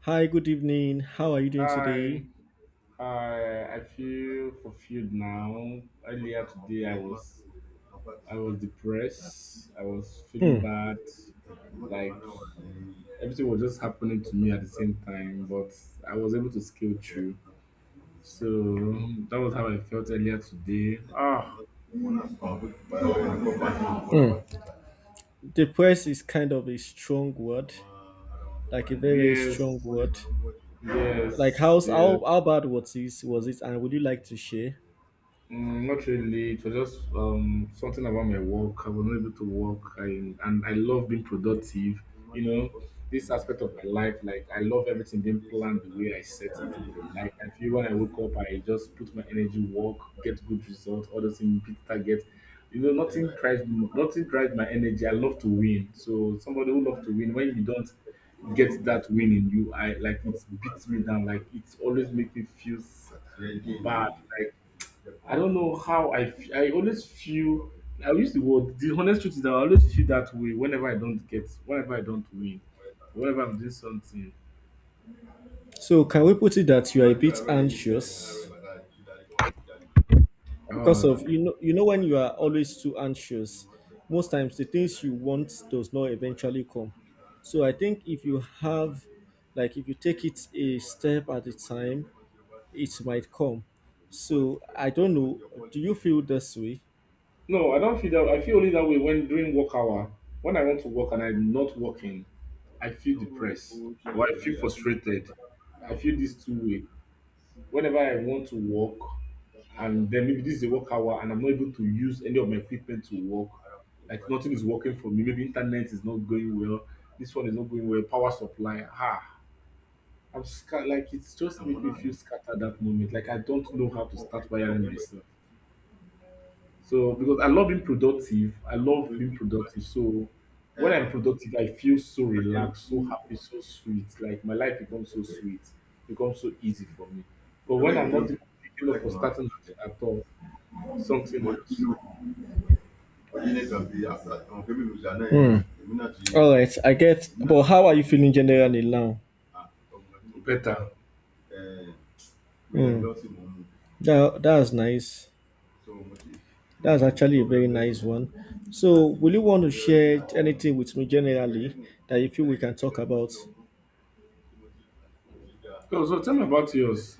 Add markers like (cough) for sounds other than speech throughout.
Hi, good evening. How are you doing Hi, today? hi. I feel fulfilled now. Earlier today, I was depressed. I was feeling Hmm. bad. Like everything was just happening to me at the same time, but I was able to scale through. So that was how I felt earlier today. Ah, that Hmm. Depressed is kind of a strong word, like a very, very Yes, strong word. Like yes, how's how yes. how bad was it and would you like to share? Mm, not really. It was just something about my work. I was not able to work, and I love being productive. You know, this aspect of my life, like I love everything being planned the way I set it. Like I feel when I wake up, I just put my energy work, get good results, all those things, big target. You know, nothing drives my energy. I love to win. So somebody who loves to win, when you don't get that win in you, I like it beats me down. Like it's always makes me feel bad. Like, I don't know how I always feel I use the word the honest truth is that I always feel that way whenever I don't get whenever I don't win, whenever I'm doing something. So can we put it that you are a bit anxious because of Um you know when you are always too anxious, most times the things you want does not eventually come. So I think if you have like if you take it a step at a time it might come. So I don't know. Do you feel this way? no, I don't feel that. I feel only that way when during work hour, when I want to work and I'm not working, I feel depressed or I feel frustrated. I feel this two way, whenever I want to work and then maybe this is a work hour and I'm not able to use any of my equipment to work, like nothing is working for me, maybe internet is not going well, this one is not going well, power supply, ah, like it's just make me feel scattered that moment. Like I don't know how to start wiring myself. So because I love being productive, I love being productive. So when I'm productive, I feel so relaxed, so happy, so sweet. Like my life becomes so sweet, becomes so easy for me. But when I'm not even picking up or starting at all, something else. All right, I get. But how are you feeling generally now? Better. That's nice. That's actually a very nice one. So, will you want to share anything with me generally that you feel we can talk about? So, tell me about yours.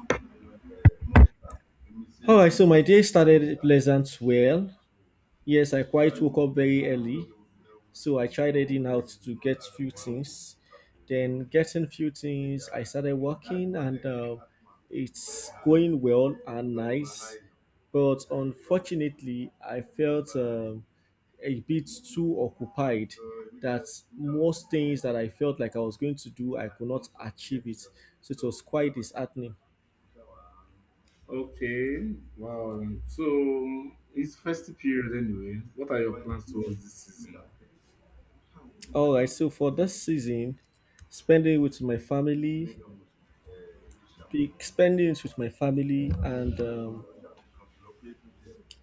All right, so my day started pleasant well. Yes, I quite woke up very early. So I tried heading out to get few things. Then getting few things, I started working and it's going well and nice. But unfortunately, I felt a bit too occupied that most things that I felt like I was going to do, I could not achieve it. So it was quite disheartening. Okay, wow. So it's festive period anyway. What are your plans towards this season? All right, so for this season, spending with my family, spending it with my family and um,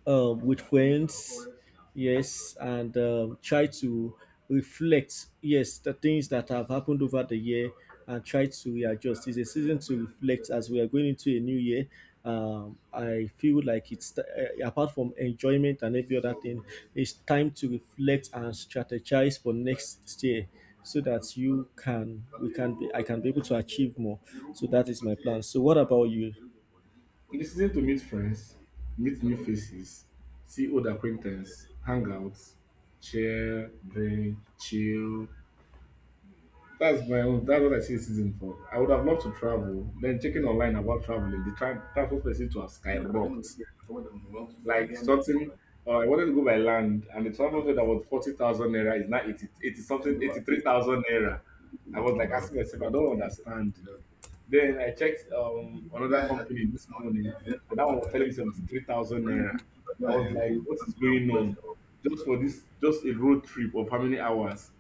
um, with friends, yes, and try to reflect, yes, the things that have happened over the year and try to readjust. It's a season to reflect as we are going into a new year. I feel like it's apart from enjoyment and every other thing, it's time to reflect and strategize for next year so that you can we can be I can be able to achieve more. So that is my plan. So what about you? The season to meet friends, meet new faces, see old acquaintance, hang out, share, drink, chill. That's my own. That's what I see the season for. I would have loved to travel. Then checking online about traveling, the travel fare seems to have skyrocketed. Like something, I wanted to go by land, and the travel fare that was 40,000 naira is now 80, 80 something, 83,000 naira. I was like asking myself, I don't understand. Then I checked another company this morning, and that one was telling me 73,000 naira. I was like, "What is going on? Just for this, just a road trip of how many hours?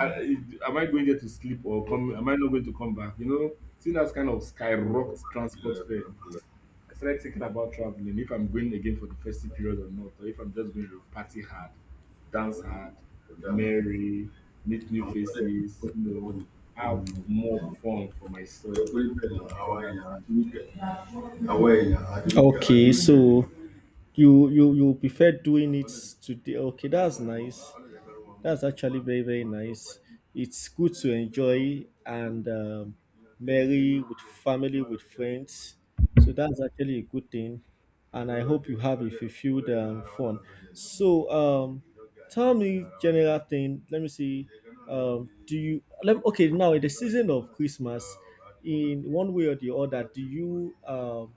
Am I going there to sleep or come? Am I not going to come back? You know, see that's kind of skyrocket transport fare. I started thinking about traveling, if I'm going again for the festive period or not, or if I'm just going to party hard, dance hard, merry, meet new faces, you know, have more fun for myself. I hear that thing. Okay, so you prefer doing it today. Okay, that's nice. That's actually very, very nice. It's good to enjoy and merry with family, with friends. So that's actually a good thing. And I hope you have a fulfilled fun. So tell me general thing. Let me see. Okay, now in the season of Christmas, in one way or the other, do you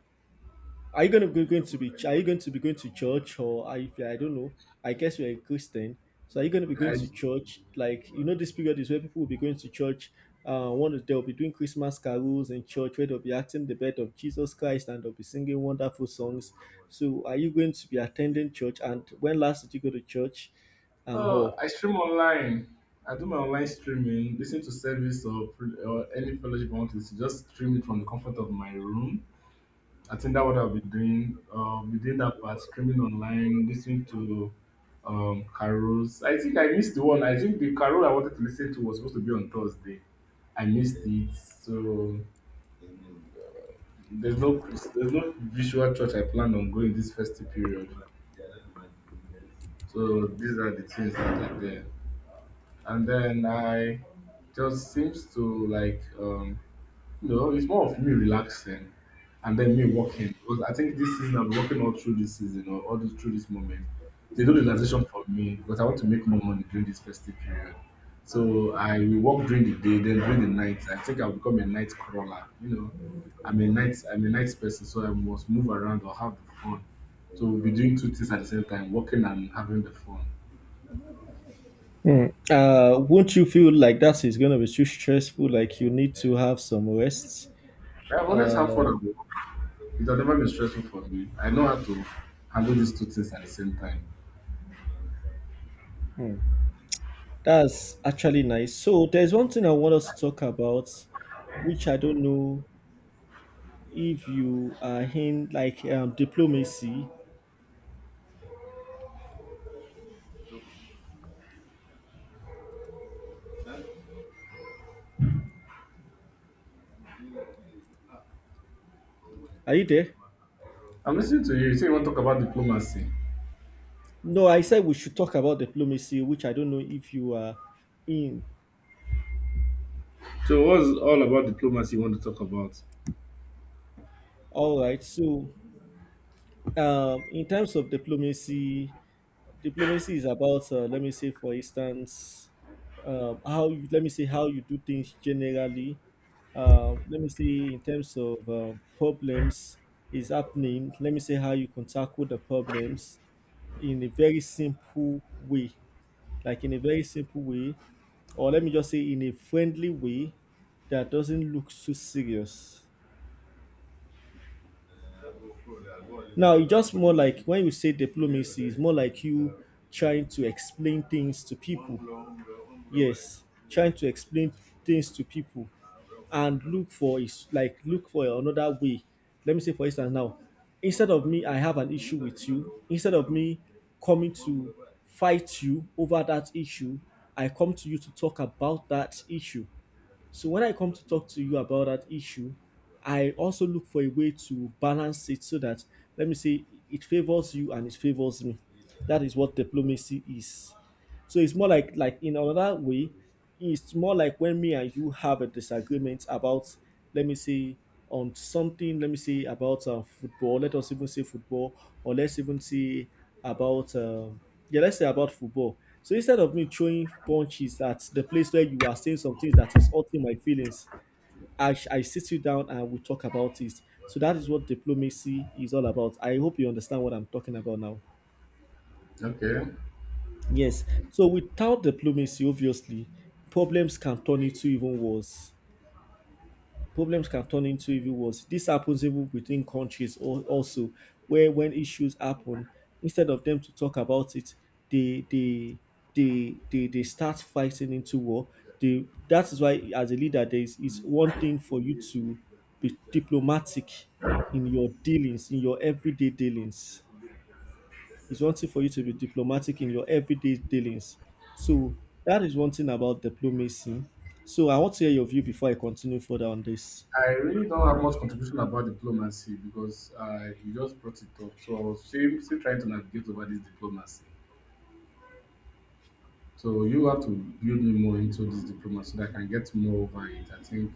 are you going to go, going to be? Are you going to be going to church or are you, I don't know. I guess you're a Christian, so are you going to be going I, to church? Like you know, this period is where people will be going to church. They'll be doing Christmas carols in church where they'll be acting the birth of Jesus Christ and they'll be singing wonderful songs. So, are you going to be attending church? And when last did you go to church? And oh, how? I stream online. I do my online streaming, listen to service or, or any fellowship I want to listen, just stream it from the comfort of my room. I think that what I've been doing. We did that part streaming online, listening to carols. I think I missed the one. I think the carol I wanted to listen to was supposed to be on Thursday. I missed it, so there's no there's no visual church I plan on going this festive period. So these are the things that are there, and then I just seems to like no, it's more of me relaxing and then me working because I think this season I'm working all through this season or all this through this moment. They do the relaxation for me because I want to make more money during this festive period. So I will work during the day, then during the night. I think I'll become a night crawler. You know, I'm a night person, so I must move around or have the fun. So we'll be doing two things at the same time, working and having the fun. Hmm. Won't you feel like that is going to be too stressful, like you need to have some rest? I've always Uh, had fun at work. It has never been stressful for me. I know how to handle these two things at the same time. that's actually nice. So there's one thing I want us to talk about, which I don't know if you are in, like diplomacy. Are you there? I'm listening to you. You say you want to talk about diplomacy. No, I said we should talk about diplomacy, which I don't know if you are in. So, what's all about diplomacy you want to talk about? All right. So in terms of diplomacy, diplomacy is about let me say for instance how you, let me say how you do things generally, let me say in terms of problems is happening, let me say how you can tackle the problems in a very simple way, like in a very simple way, or let me just say in a friendly way that doesn't look too serious. Now it's just more like when you say diplomacy, it's more like you trying to explain things to people, yes, trying to explain things to people, and look for, is like look for another way. Let me say for instance now, instead of me, I have an issue with you, instead of me coming to fight you over that issue, I come to you to talk about that issue. So when I come to talk to you about that issue, I also look for a way to balance it so that, let me say, it favors you and it favors me. That is what diplomacy is. So it's more like in another way, it's more like when me and you have a disagreement about, let me say, on something, let me say about football. Let us even say football, or let's even say about yeah, let's say about football. So instead of me throwing punches at the place where you are saying some things that is hurting my feelings, I sit you down and we talk about it. So that is what diplomacy is all about. I hope you understand what I'm talking about now. Okay. Yes. So without diplomacy, obviously, problems can turn into even worse. Problems can turn into even worse. This happens even within countries also, where when issues happen, instead of them to talk about it, they they they start fighting into war. They, that is why as a leader, there is, it's one thing for you to be diplomatic in your dealings, in your everyday dealings. It's wanting for you to be diplomatic in your everyday dealings. So that is one thing about diplomacy. So I want to hear your view before I continue further on this. I really don't have much contribution about diplomacy because you just brought it up. So I was still trying to navigate over this diplomacy. So you have to build me more into this diplomacy so that I can get more over it. I think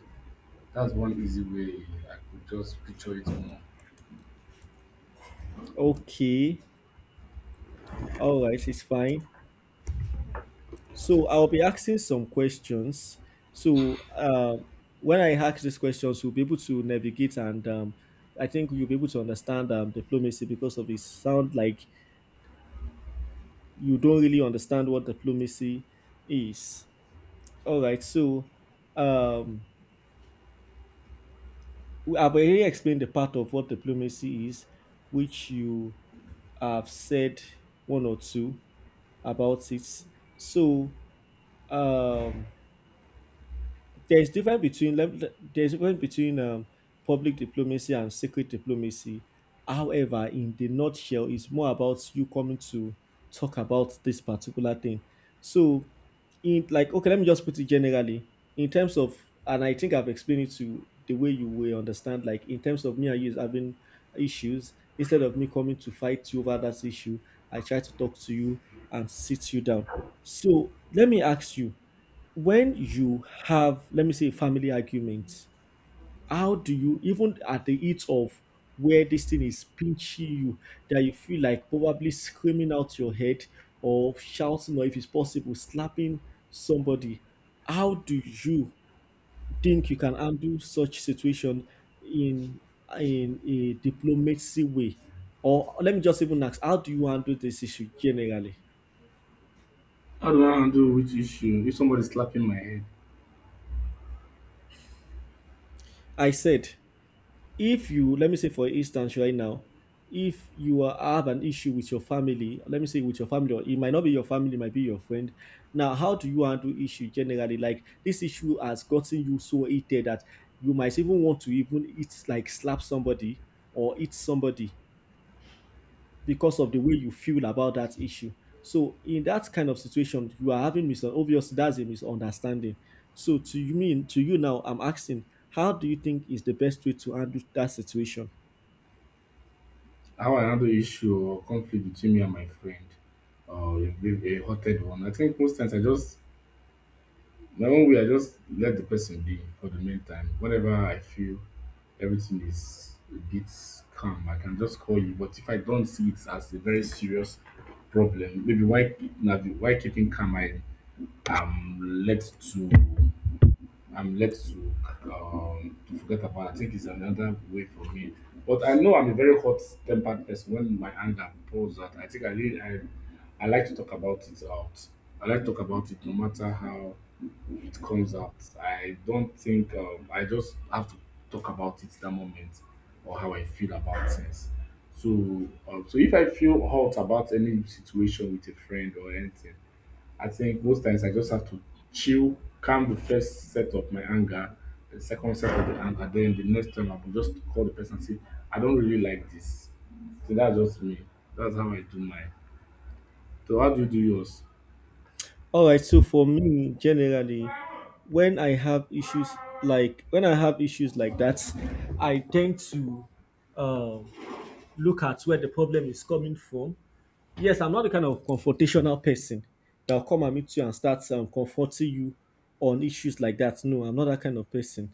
that's one easy way I could just picture it more. Okay. All right, it's fine. So I'll be asking some questions. So when I ask these questions, we'll be able to navigate and I think you'll be able to understand diplomacy because of it sound like you don't really understand what diplomacy is. All right, so um, I've already explained the part of what diplomacy is, which you have said one or two about it. So, um, there's difference between there's difference between public diplomacy and secret diplomacy. However, in the nutshell, it's more about you coming to talk about this particular thing. So, in like okay, let me just put it generally in terms of, and I think I've explained it to you the way you will understand. Like in terms of me and you having issues, instead of me coming to fight you over that issue, I try to talk to you and sit you down. So let me ask you, when you have, let me say, family arguments, how do you, even at the heat of where this thing is pinching you that you feel like probably screaming out your head or shouting or if it's possible slapping somebody, how do you think you can handle such situation in a diplomacy way, or let me just even ask, how do you handle this issue generally? How do I handle which issue if somebody's slapping my head? I said, if you, let me say for instance right now, if have an issue with your family, let me say with your family, or it might not be your family, it might be your friend. Now how do you handle issue generally? Like this issue has gotten you so heated that you might even want to even eat, like slap somebody or eat somebody because of the way you feel about that issue. So in that kind of situation, you are having mis, obviously that's a misunderstanding. So to you mean, to you now I'm asking, how do you think is the best way to handle that situation? How I handle issue or conflict between me and my friend or a big a hearted one. I think most times I just my own way I just let the person be for the meantime. Whenever I feel everything is a bit calm, I can just call you. But if I don't see it as a very serious problem, maybe why na why keeping calm I am led to I'm led to forget about. I think it's another way for me. But I know I'm a very hot-tempered person. When my anger pours out, I think I like to talk about it out. I like to talk about it no matter how it comes out. I don't think I just have to talk about it that moment or how I feel about things. So, so if I feel hot about any situation with a friend or anything, I think most times I just have to chill, calm the first set of my anger, the second set of the anger, then the next time I will just call the person and say, I don't really like this. So that's just me. That's how I do mine. So how do you do yours? All right, so for me, generally, when I have issues, like when I have issues like that, I tend to um, look at where the problem is coming from. Yes, I'm not the kind of confrontational person that'll come and meet you and start comforting you on issues like that. No, I'm not that kind of person.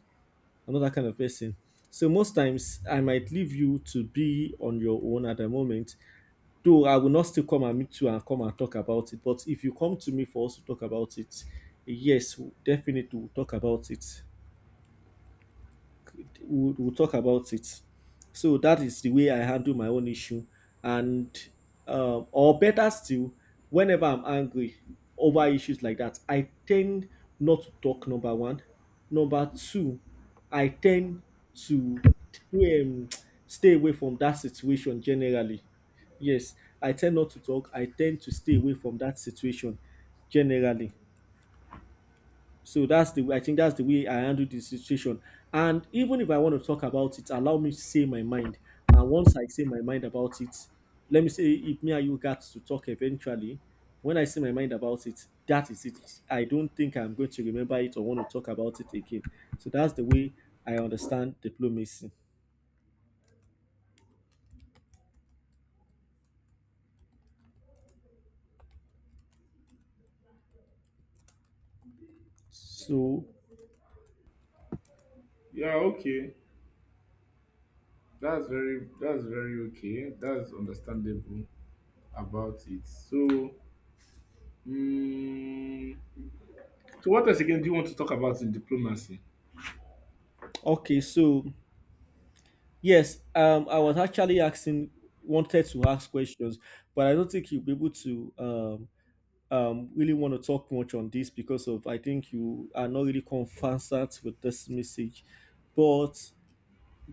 I'm not that kind of person. So most times I might leave you to be on your own at the moment. Though I will not still come and meet you and come and talk about it, but if you come to me for us to talk about it, yes, definitely we'll talk about it. We'll talk about it. So that is the way I handle my own issue. And, or better still, whenever I'm angry over issues like that, I tend not to talk, number one. Number two, I tend to, to um, stay away from that situation generally. Yes, I tend not to talk. I tend to stay away from that situation generally. So that's the way, I think that's the way I handle the situation. And even if I want to talk about it, allow me to say my mind. And once I say my mind about it, let me say if me and you got to talk eventually, when I say my mind about it, that is it. I don't think I'm going to remember it or want to talk about it again. So that's the way I understand diplomacy. So Yeah, okay. That's very okay. That's understandable about it. So mm, so what else again do you want to talk about in diplomacy? okay, so yes, I was actually asking wanted to ask questions, but I don't think you'll be able to really want to talk much on this because of I think you are not really conversant with this message. But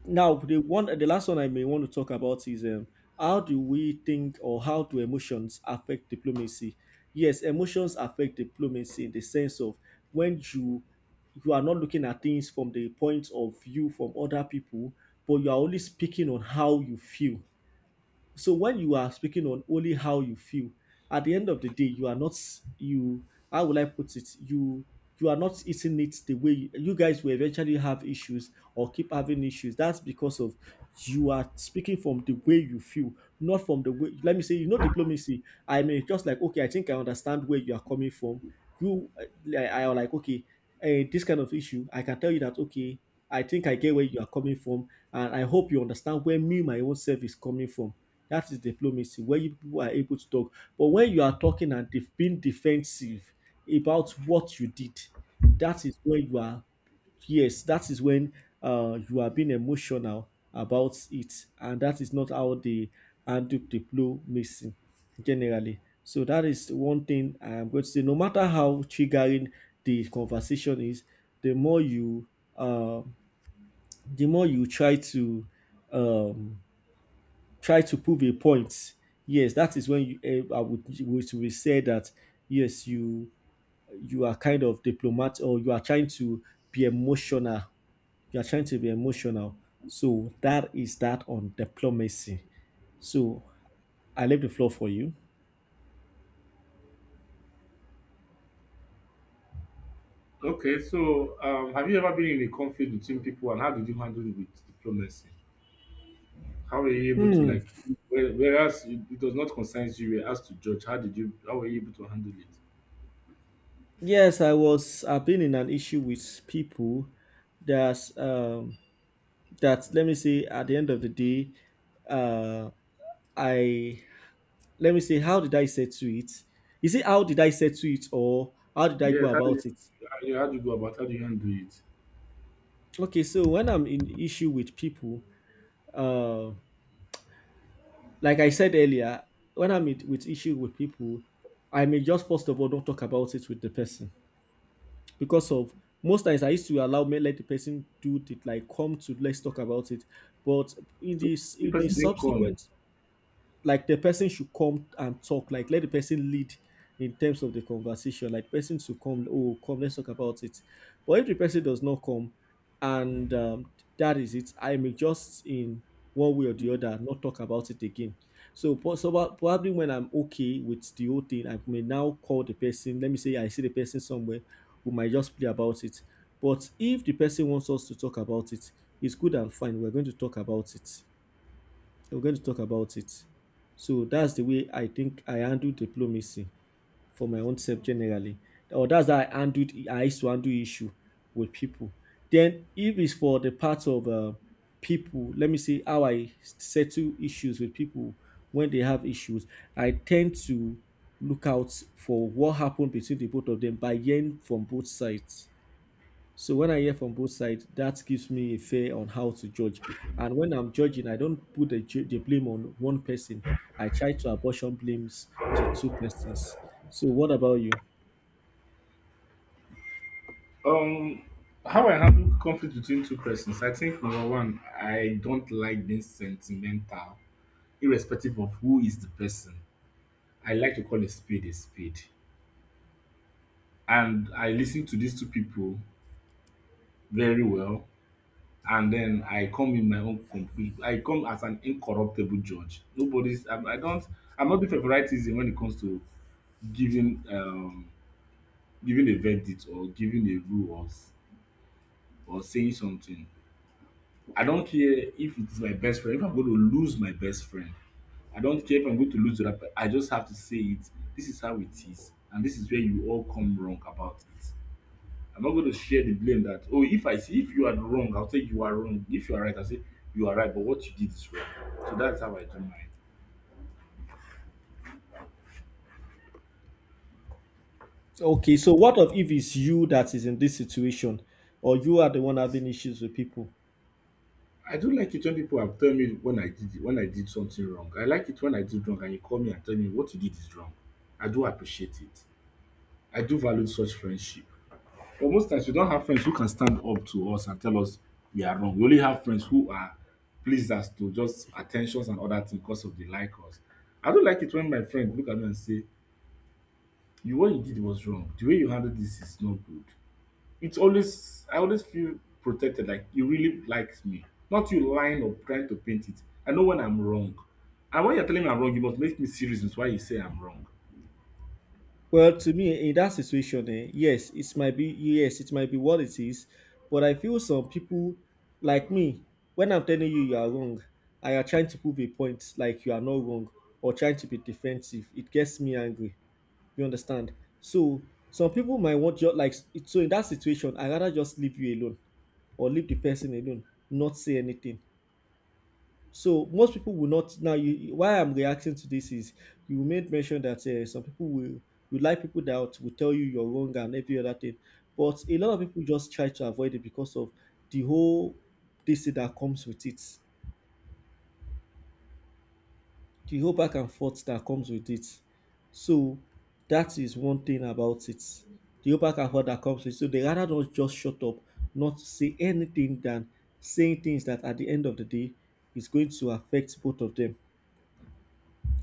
now the last one I may want to talk about is how do we think or how do emotions affect diplomacy? Yes, emotions affect diplomacy in the sense of when you are not looking at things from the point of view from other people, but you are only speaking on how you feel. So when you are speaking on only how you feel, at the end of the day you are not, you how will I put it, you are not eating it the way you guys will eventually have issues or keep having issues. That's because of you are speaking from the way you feel, not from the way, let me say, you know diplomacy. I mean, just like okay, I think I understand where you are coming from. you I am like okay. This kind of issue I can tell you that okay, I think I get where you are coming from, and I hope you understand where me, my own self, is coming from. That is diplomacy, where you people are able to talk. But when you are talking and being defensive about what you did, that is when you are, yes, that is when you are being emotional about it. And that is not how they handle diplomacy generally. So that is one thing I am going to say. No matter how triggering the conversation is, the more you, uh, the more you um, try to prove a point. Yes, that is when you, I would say that yes, you are kind of diplomat, or you are trying to be emotional. You are trying to be emotional. So that is that on diplomacy. So I leave the floor for you. Okay, so have you ever been in a conflict between people and how did you handle it with diplomacy? How were you able to Hmm. like whereas it it does not concern you, you were asked to judge. How did you how were you able to handle it? Yes, I was. I've been in an issue with people that um that let me say at the end of the day, uh, I, let me say, how did I settle it? Is it how did I settle it, or how did I go Yes, how do you about it? how do you how do you go about, how do you handle it? Okay, so when I'm in issue with people, uh, like I said earlier, when with issue with people, I may just first of all don't talk about it with the person because of most times I used to allow, me let the person do it, like come to, let's talk about it. But in So this the in the person didn't come. subsequent, like the person should come and talk, like let the person lead in terms of the conversation, like person should come, oh come let's talk about it. But if the person does not come, and that is it, I may just in one way or the other not talk about it again. So probably when I'm okay with the whole thing, I may now call the person, let me say I see the person somewhere, we might just play about it. But if the person wants us to talk about it, it's good and fine, we're going to talk about it, we're going to talk about it. So that's the way I think I handle diplomacy for my own self generally. Or that's how I used to handle issue with people. Then if it's for the part of people, let me see how I settle issues with people when they have issues. I tend to look out for what happened between the both of them by hearing from both sides. So when I hear from both sides, that gives me a fair on how to judge. And when I'm judging, I don't put the blame on one person. I try to apportion blames to two persons. So what about you? Um how I handle conflict between two persons, I think number one, I don't like being sentimental, irrespective of who is the person. I like to call a spade a spade. And I listen to these two people very well and then I come in my own complete I come as an incorruptible judge. I don't, I'm not different for rightism when it comes to giving um giving a verdict or giving a rule or saying something. I don't care if it's my best friend, if I'm going to lose my best friend. I don't care if I'm going to lose to that person. I just have to say it. This is how it is. And this is where you all come wrong about it. I'm not going to share the blame that oh if I see if you are wrong, I'll say you are wrong. If you are right, I'll say you are right, but what you did is wrong. So that's how I do mine. Okay, so what of if it's you that is in this situation, or you are the one having issues with people? I don't like it when people have tell me when I did it, when I did something wrong. I like it when I did wrong and you call me and tell me what you did is wrong. I do appreciate it. I do value such friendship. But most times we don't have friends who can stand up to us and tell us we are wrong. We only have friends who are pleased as to just attentions and other things because of the like us. I don't like it when my friend look at me and say, you what you did was wrong. The way you handled this is not good. It's always I always feel protected, like you really likes me. Not you lying or trying to paint it. I know when I'm wrong. And when you're telling me I'm wrong, you must make me see reasons why you say I'm wrong. Well, to me, in that situation, yes, it might be, what it is, but I feel some people like me, when I'm telling you you are wrong, I are trying to prove a point, like you are not wrong, or trying to be defensive. It gets me angry. You understand? So some people might want, just like, so in that situation, I rather just leave you alone, or leave the person alone, not say anything. So most people will not now. You, why I'm reacting to this is you made mention that some people will like people that will tell you you're wrong and every other thing, but a lot of people just try to avoid it because of the whole, this thing that comes with it, the whole back and forth that comes with it. So that is one thing about it. The whole back and forth that comes with it. So they rather not just shut up, not say anything than saying things that at the end of the day is going to affect both of them.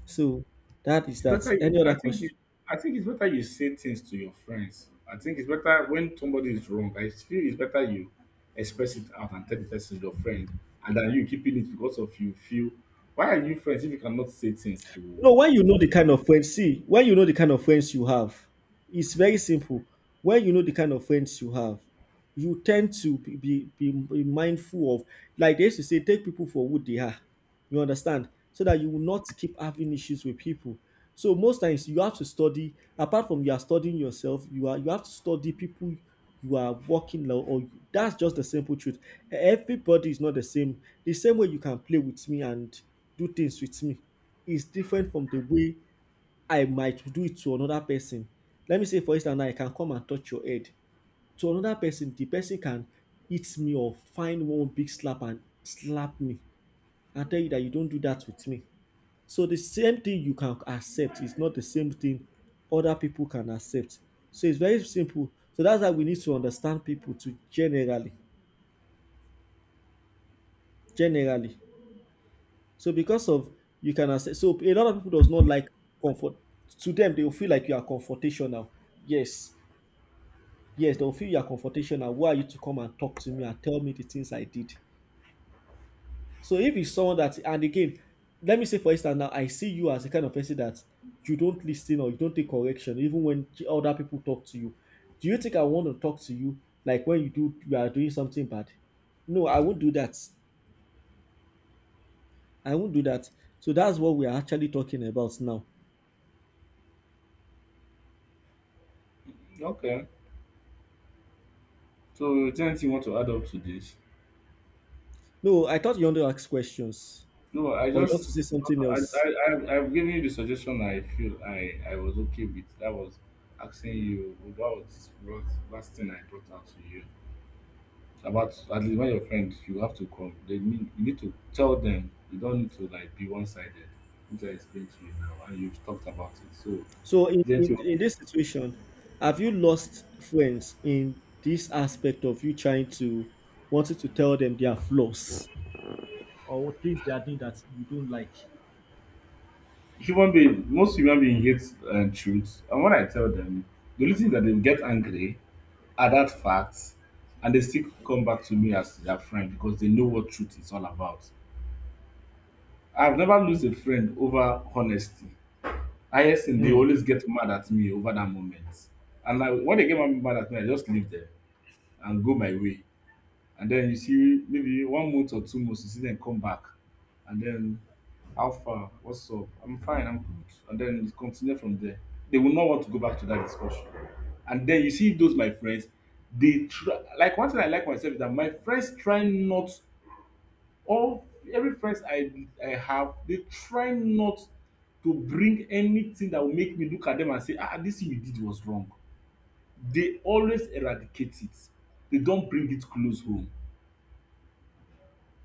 So that is It's that. better you, Any other question? I think it's better you say things to your friends. I think it's better when somebody is wrong. I feel it's better you express it out and tell the person your friend, and then you keeping it because of you feel why are you friends if you cannot say things No, to when you know each the other? kind of friends, see, when you know the kind of friends you have, it's very simple. When you know the kind of friends you have, you tend to be mindful of, like they used to say, take people for who they are. You understand? So that you will not keep having issues with people. So most times you have to study, apart from you are studying yourself, you have to study people you are working now, that's just the simple truth. Everybody is not the same. The same way you can play with me and do things with me is different from the way I might do it to another person. Let me say, for instance, now I can come and touch your head. To another person, the person can hit me or find one big slap and slap me and tell you that you don't do that with me. So the same thing you can accept is not the same thing other people can accept. So it's very simple. So that's why we need to understand people to generally. So because of you can access, so a lot of people does not like comfort. To them, they will feel like you are confrontational. Yes, yes, they will feel you are confrontational. Why are you to come and talk to me and tell me the things I did? So if it's someone that, and again, let me say for instance now, I see you as a kind of person that you don't listen or you don't take correction, even when other people talk to you. Do you think I want to talk to you, like when you are doing something bad? No, I won't do that. I won't do that. So that's what we are actually talking about now. Okay. So is you want to add up to this? No, I thought you want to ask questions, No, I or you want to just say something I else. I I've I've given you the suggestion I feel I was okay with. That was asking you about what last thing I brought out to you about. At least when your friends, you have to come. They need, you need to tell them. You don't need to like be one sided, which I explained to you now, and you've talked about it. So is So, there anything? In this situation, have you lost friends in this aspect of you trying to wanting to tell them their flaws or things they are doing that you don't like? Human being, most human being hates truth, and when I tell them, the only thing is that they will get angry at that fact, and they still come back to me as their friend because they know what truth is all about. I've never lost a friend over honesty. Highest thing, they Mm. always get mad at me over that moment. And I, when they get mad at me, I just leave them and go my way. And then you see maybe 1 month or 2 months, you see them come back. And then, how far? What's up? I'm fine, I'm good. And then it continue from there. They will not want to go back to that discussion. And then you see those my friends, they try, like, one thing I like myself is that my friends try not, all every friends I have, they try not to bring anything that will make me look at them and say, ah, this thing you did was wrong. They always eradicate it. They don't bring it close home,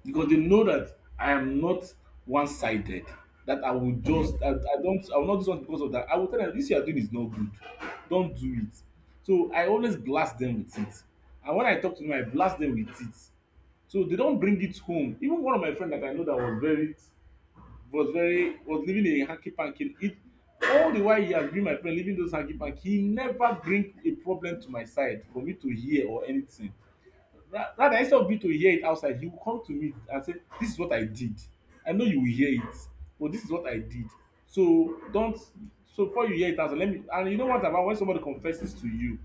because they know that I am not one-sided, that I will just, that I don't, I will not do something because of that. I will tell them this you are doing is not good. Don't do it. So I always blast them with it. And when I talk to them, I blast them with it. So they don't bring it home. Even one of my friends that I know that was very, was very, was living a hanky panky. It, all the while he has been my friend living those hanky panky, he never bring a problem to my side for me to hear or anything. Rather, instead of me to hear it outside, he will come to me and say this is what I did. I know you will hear it, but this is what I did, so don't, so before you hear it outside, let me. And you know what, about when somebody confesses to you,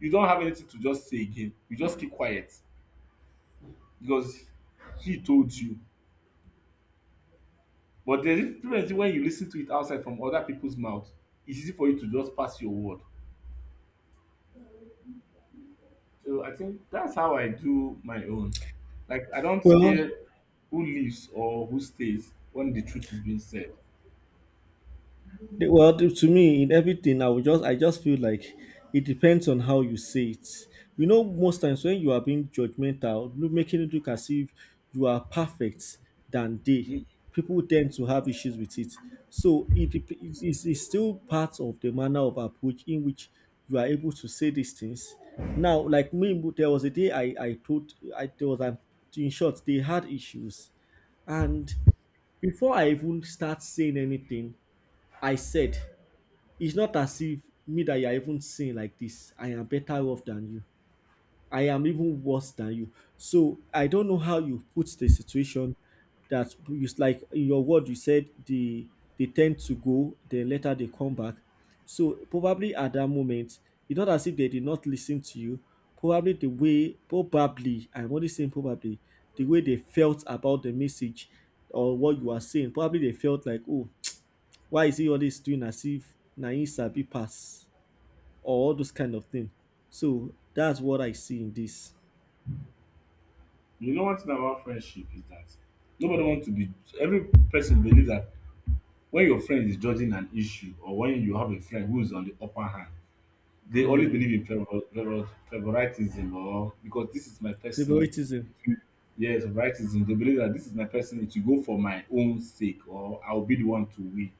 you don't have anything to just say again, you just keep quiet because he told you. But there is difference, is when you lis ten to it outside from other people's mouth, it's easy for you to just pass your word. So I think that's how I do my own. Like I don't Well, care who leaves or who stays when the truth is being said. Well, to me, in everything, I just feel like it depends on how you say it. You know, most times when you are being judgmental, look, making it look as if you are perfect than they, You, people tend to have issues with it. So it dep- it is it's still part of the manner of approach in which you are able to say these things. Now, like me, there was a day I told I there was an in short they had issues, and before I even start saying anything, I said, it's not as if me that you are even seeing like this, I am better off than you. I am even worse than you. So I don't know how you put the situation, that you like, in your word you said, they tend to go, then later they come back. So probably at that moment, it's not as if they did not listen to you. Probably the way, probably, I'm only saying probably, the way they felt about the message or what you are saying, probably they felt like, oh, why is he always doing as if na him sabi pass or all those kind of thing. So that's what I see in this. you know one thing about friendship is that nobody wants to be, every person believes that when your friend is judging an issue or when you have a friend who is on the upper hand, they always Hmm. believe in favoritism, or because this is my person. Favoritism. Yes, favoritism. They believe that this is my person. It will go for my own sake, or I'll be the one to win.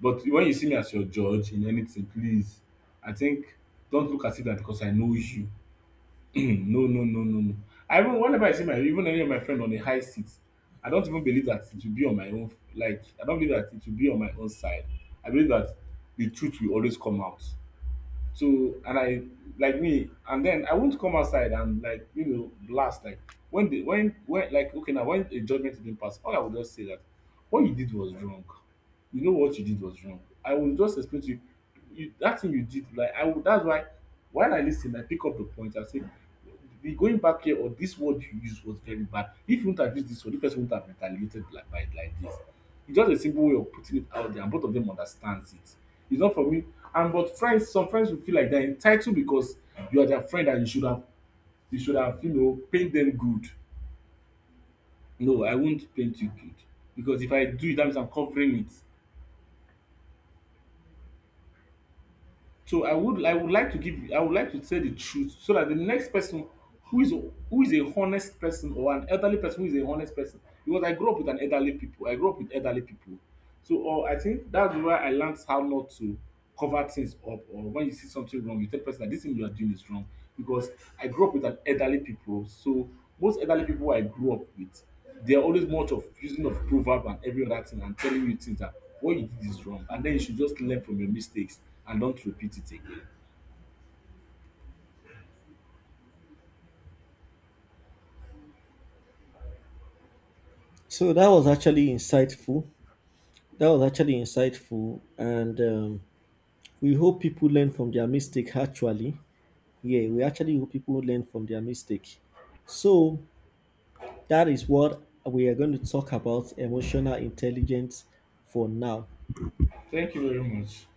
But when you see me as your judge in anything, please, I think don't look at it that because I know you. (clears throat) No, no, no, no, no. I even, whenever I see my, even any of my friend on a high seat, I don't even believe that it will be on my own. Like I don't believe that it will be on my own side. I believe that the truth will always come out. So and I, like me, and then I won't come outside and like you know blast, like when the when, like okay, now when a judgment is being passed, all I would just say that what you did was wrong. You know what you did was wrong. I will just explain to you, you that thing you did, like I would, that's why while I listen I pick up the point and say the going back here, or this word you used was very bad. If you wouldn't have used this word, the person wouldn't have retaliated like by like this. It's just a simple way of putting it out there, and both of them understands it. It's not for me. And but friends, some friends will feel like they're entitled because you are their friend and you should have, you should have you know paid them good. No, I won't paint you good, because if I do it, that means I'm covering it. So I would like to give, I would like to tell the truth so that the next person who is, who is a honest person, or an elderly person who is a honest person. Because I grew up with an elderly people, I grew up with elderly people, so, or I think that's where I learned how not to cover things up, or when you see something wrong you tell the person that this thing you are doing is wrong. Because I grew up with an elderly people, so most elderly people I grew up with, they are always much of using of proverb and every other thing and telling you things that what you did is wrong, and then you should just learn from your mistakes and don't repeat it again. So that was actually insightful. That was actually insightful, and we hope people learn from their mistake. Actually, yeah, we actually hope people learn from their mistake. So that is what we are going to talk about emotional intelligence for now. Thank you very much.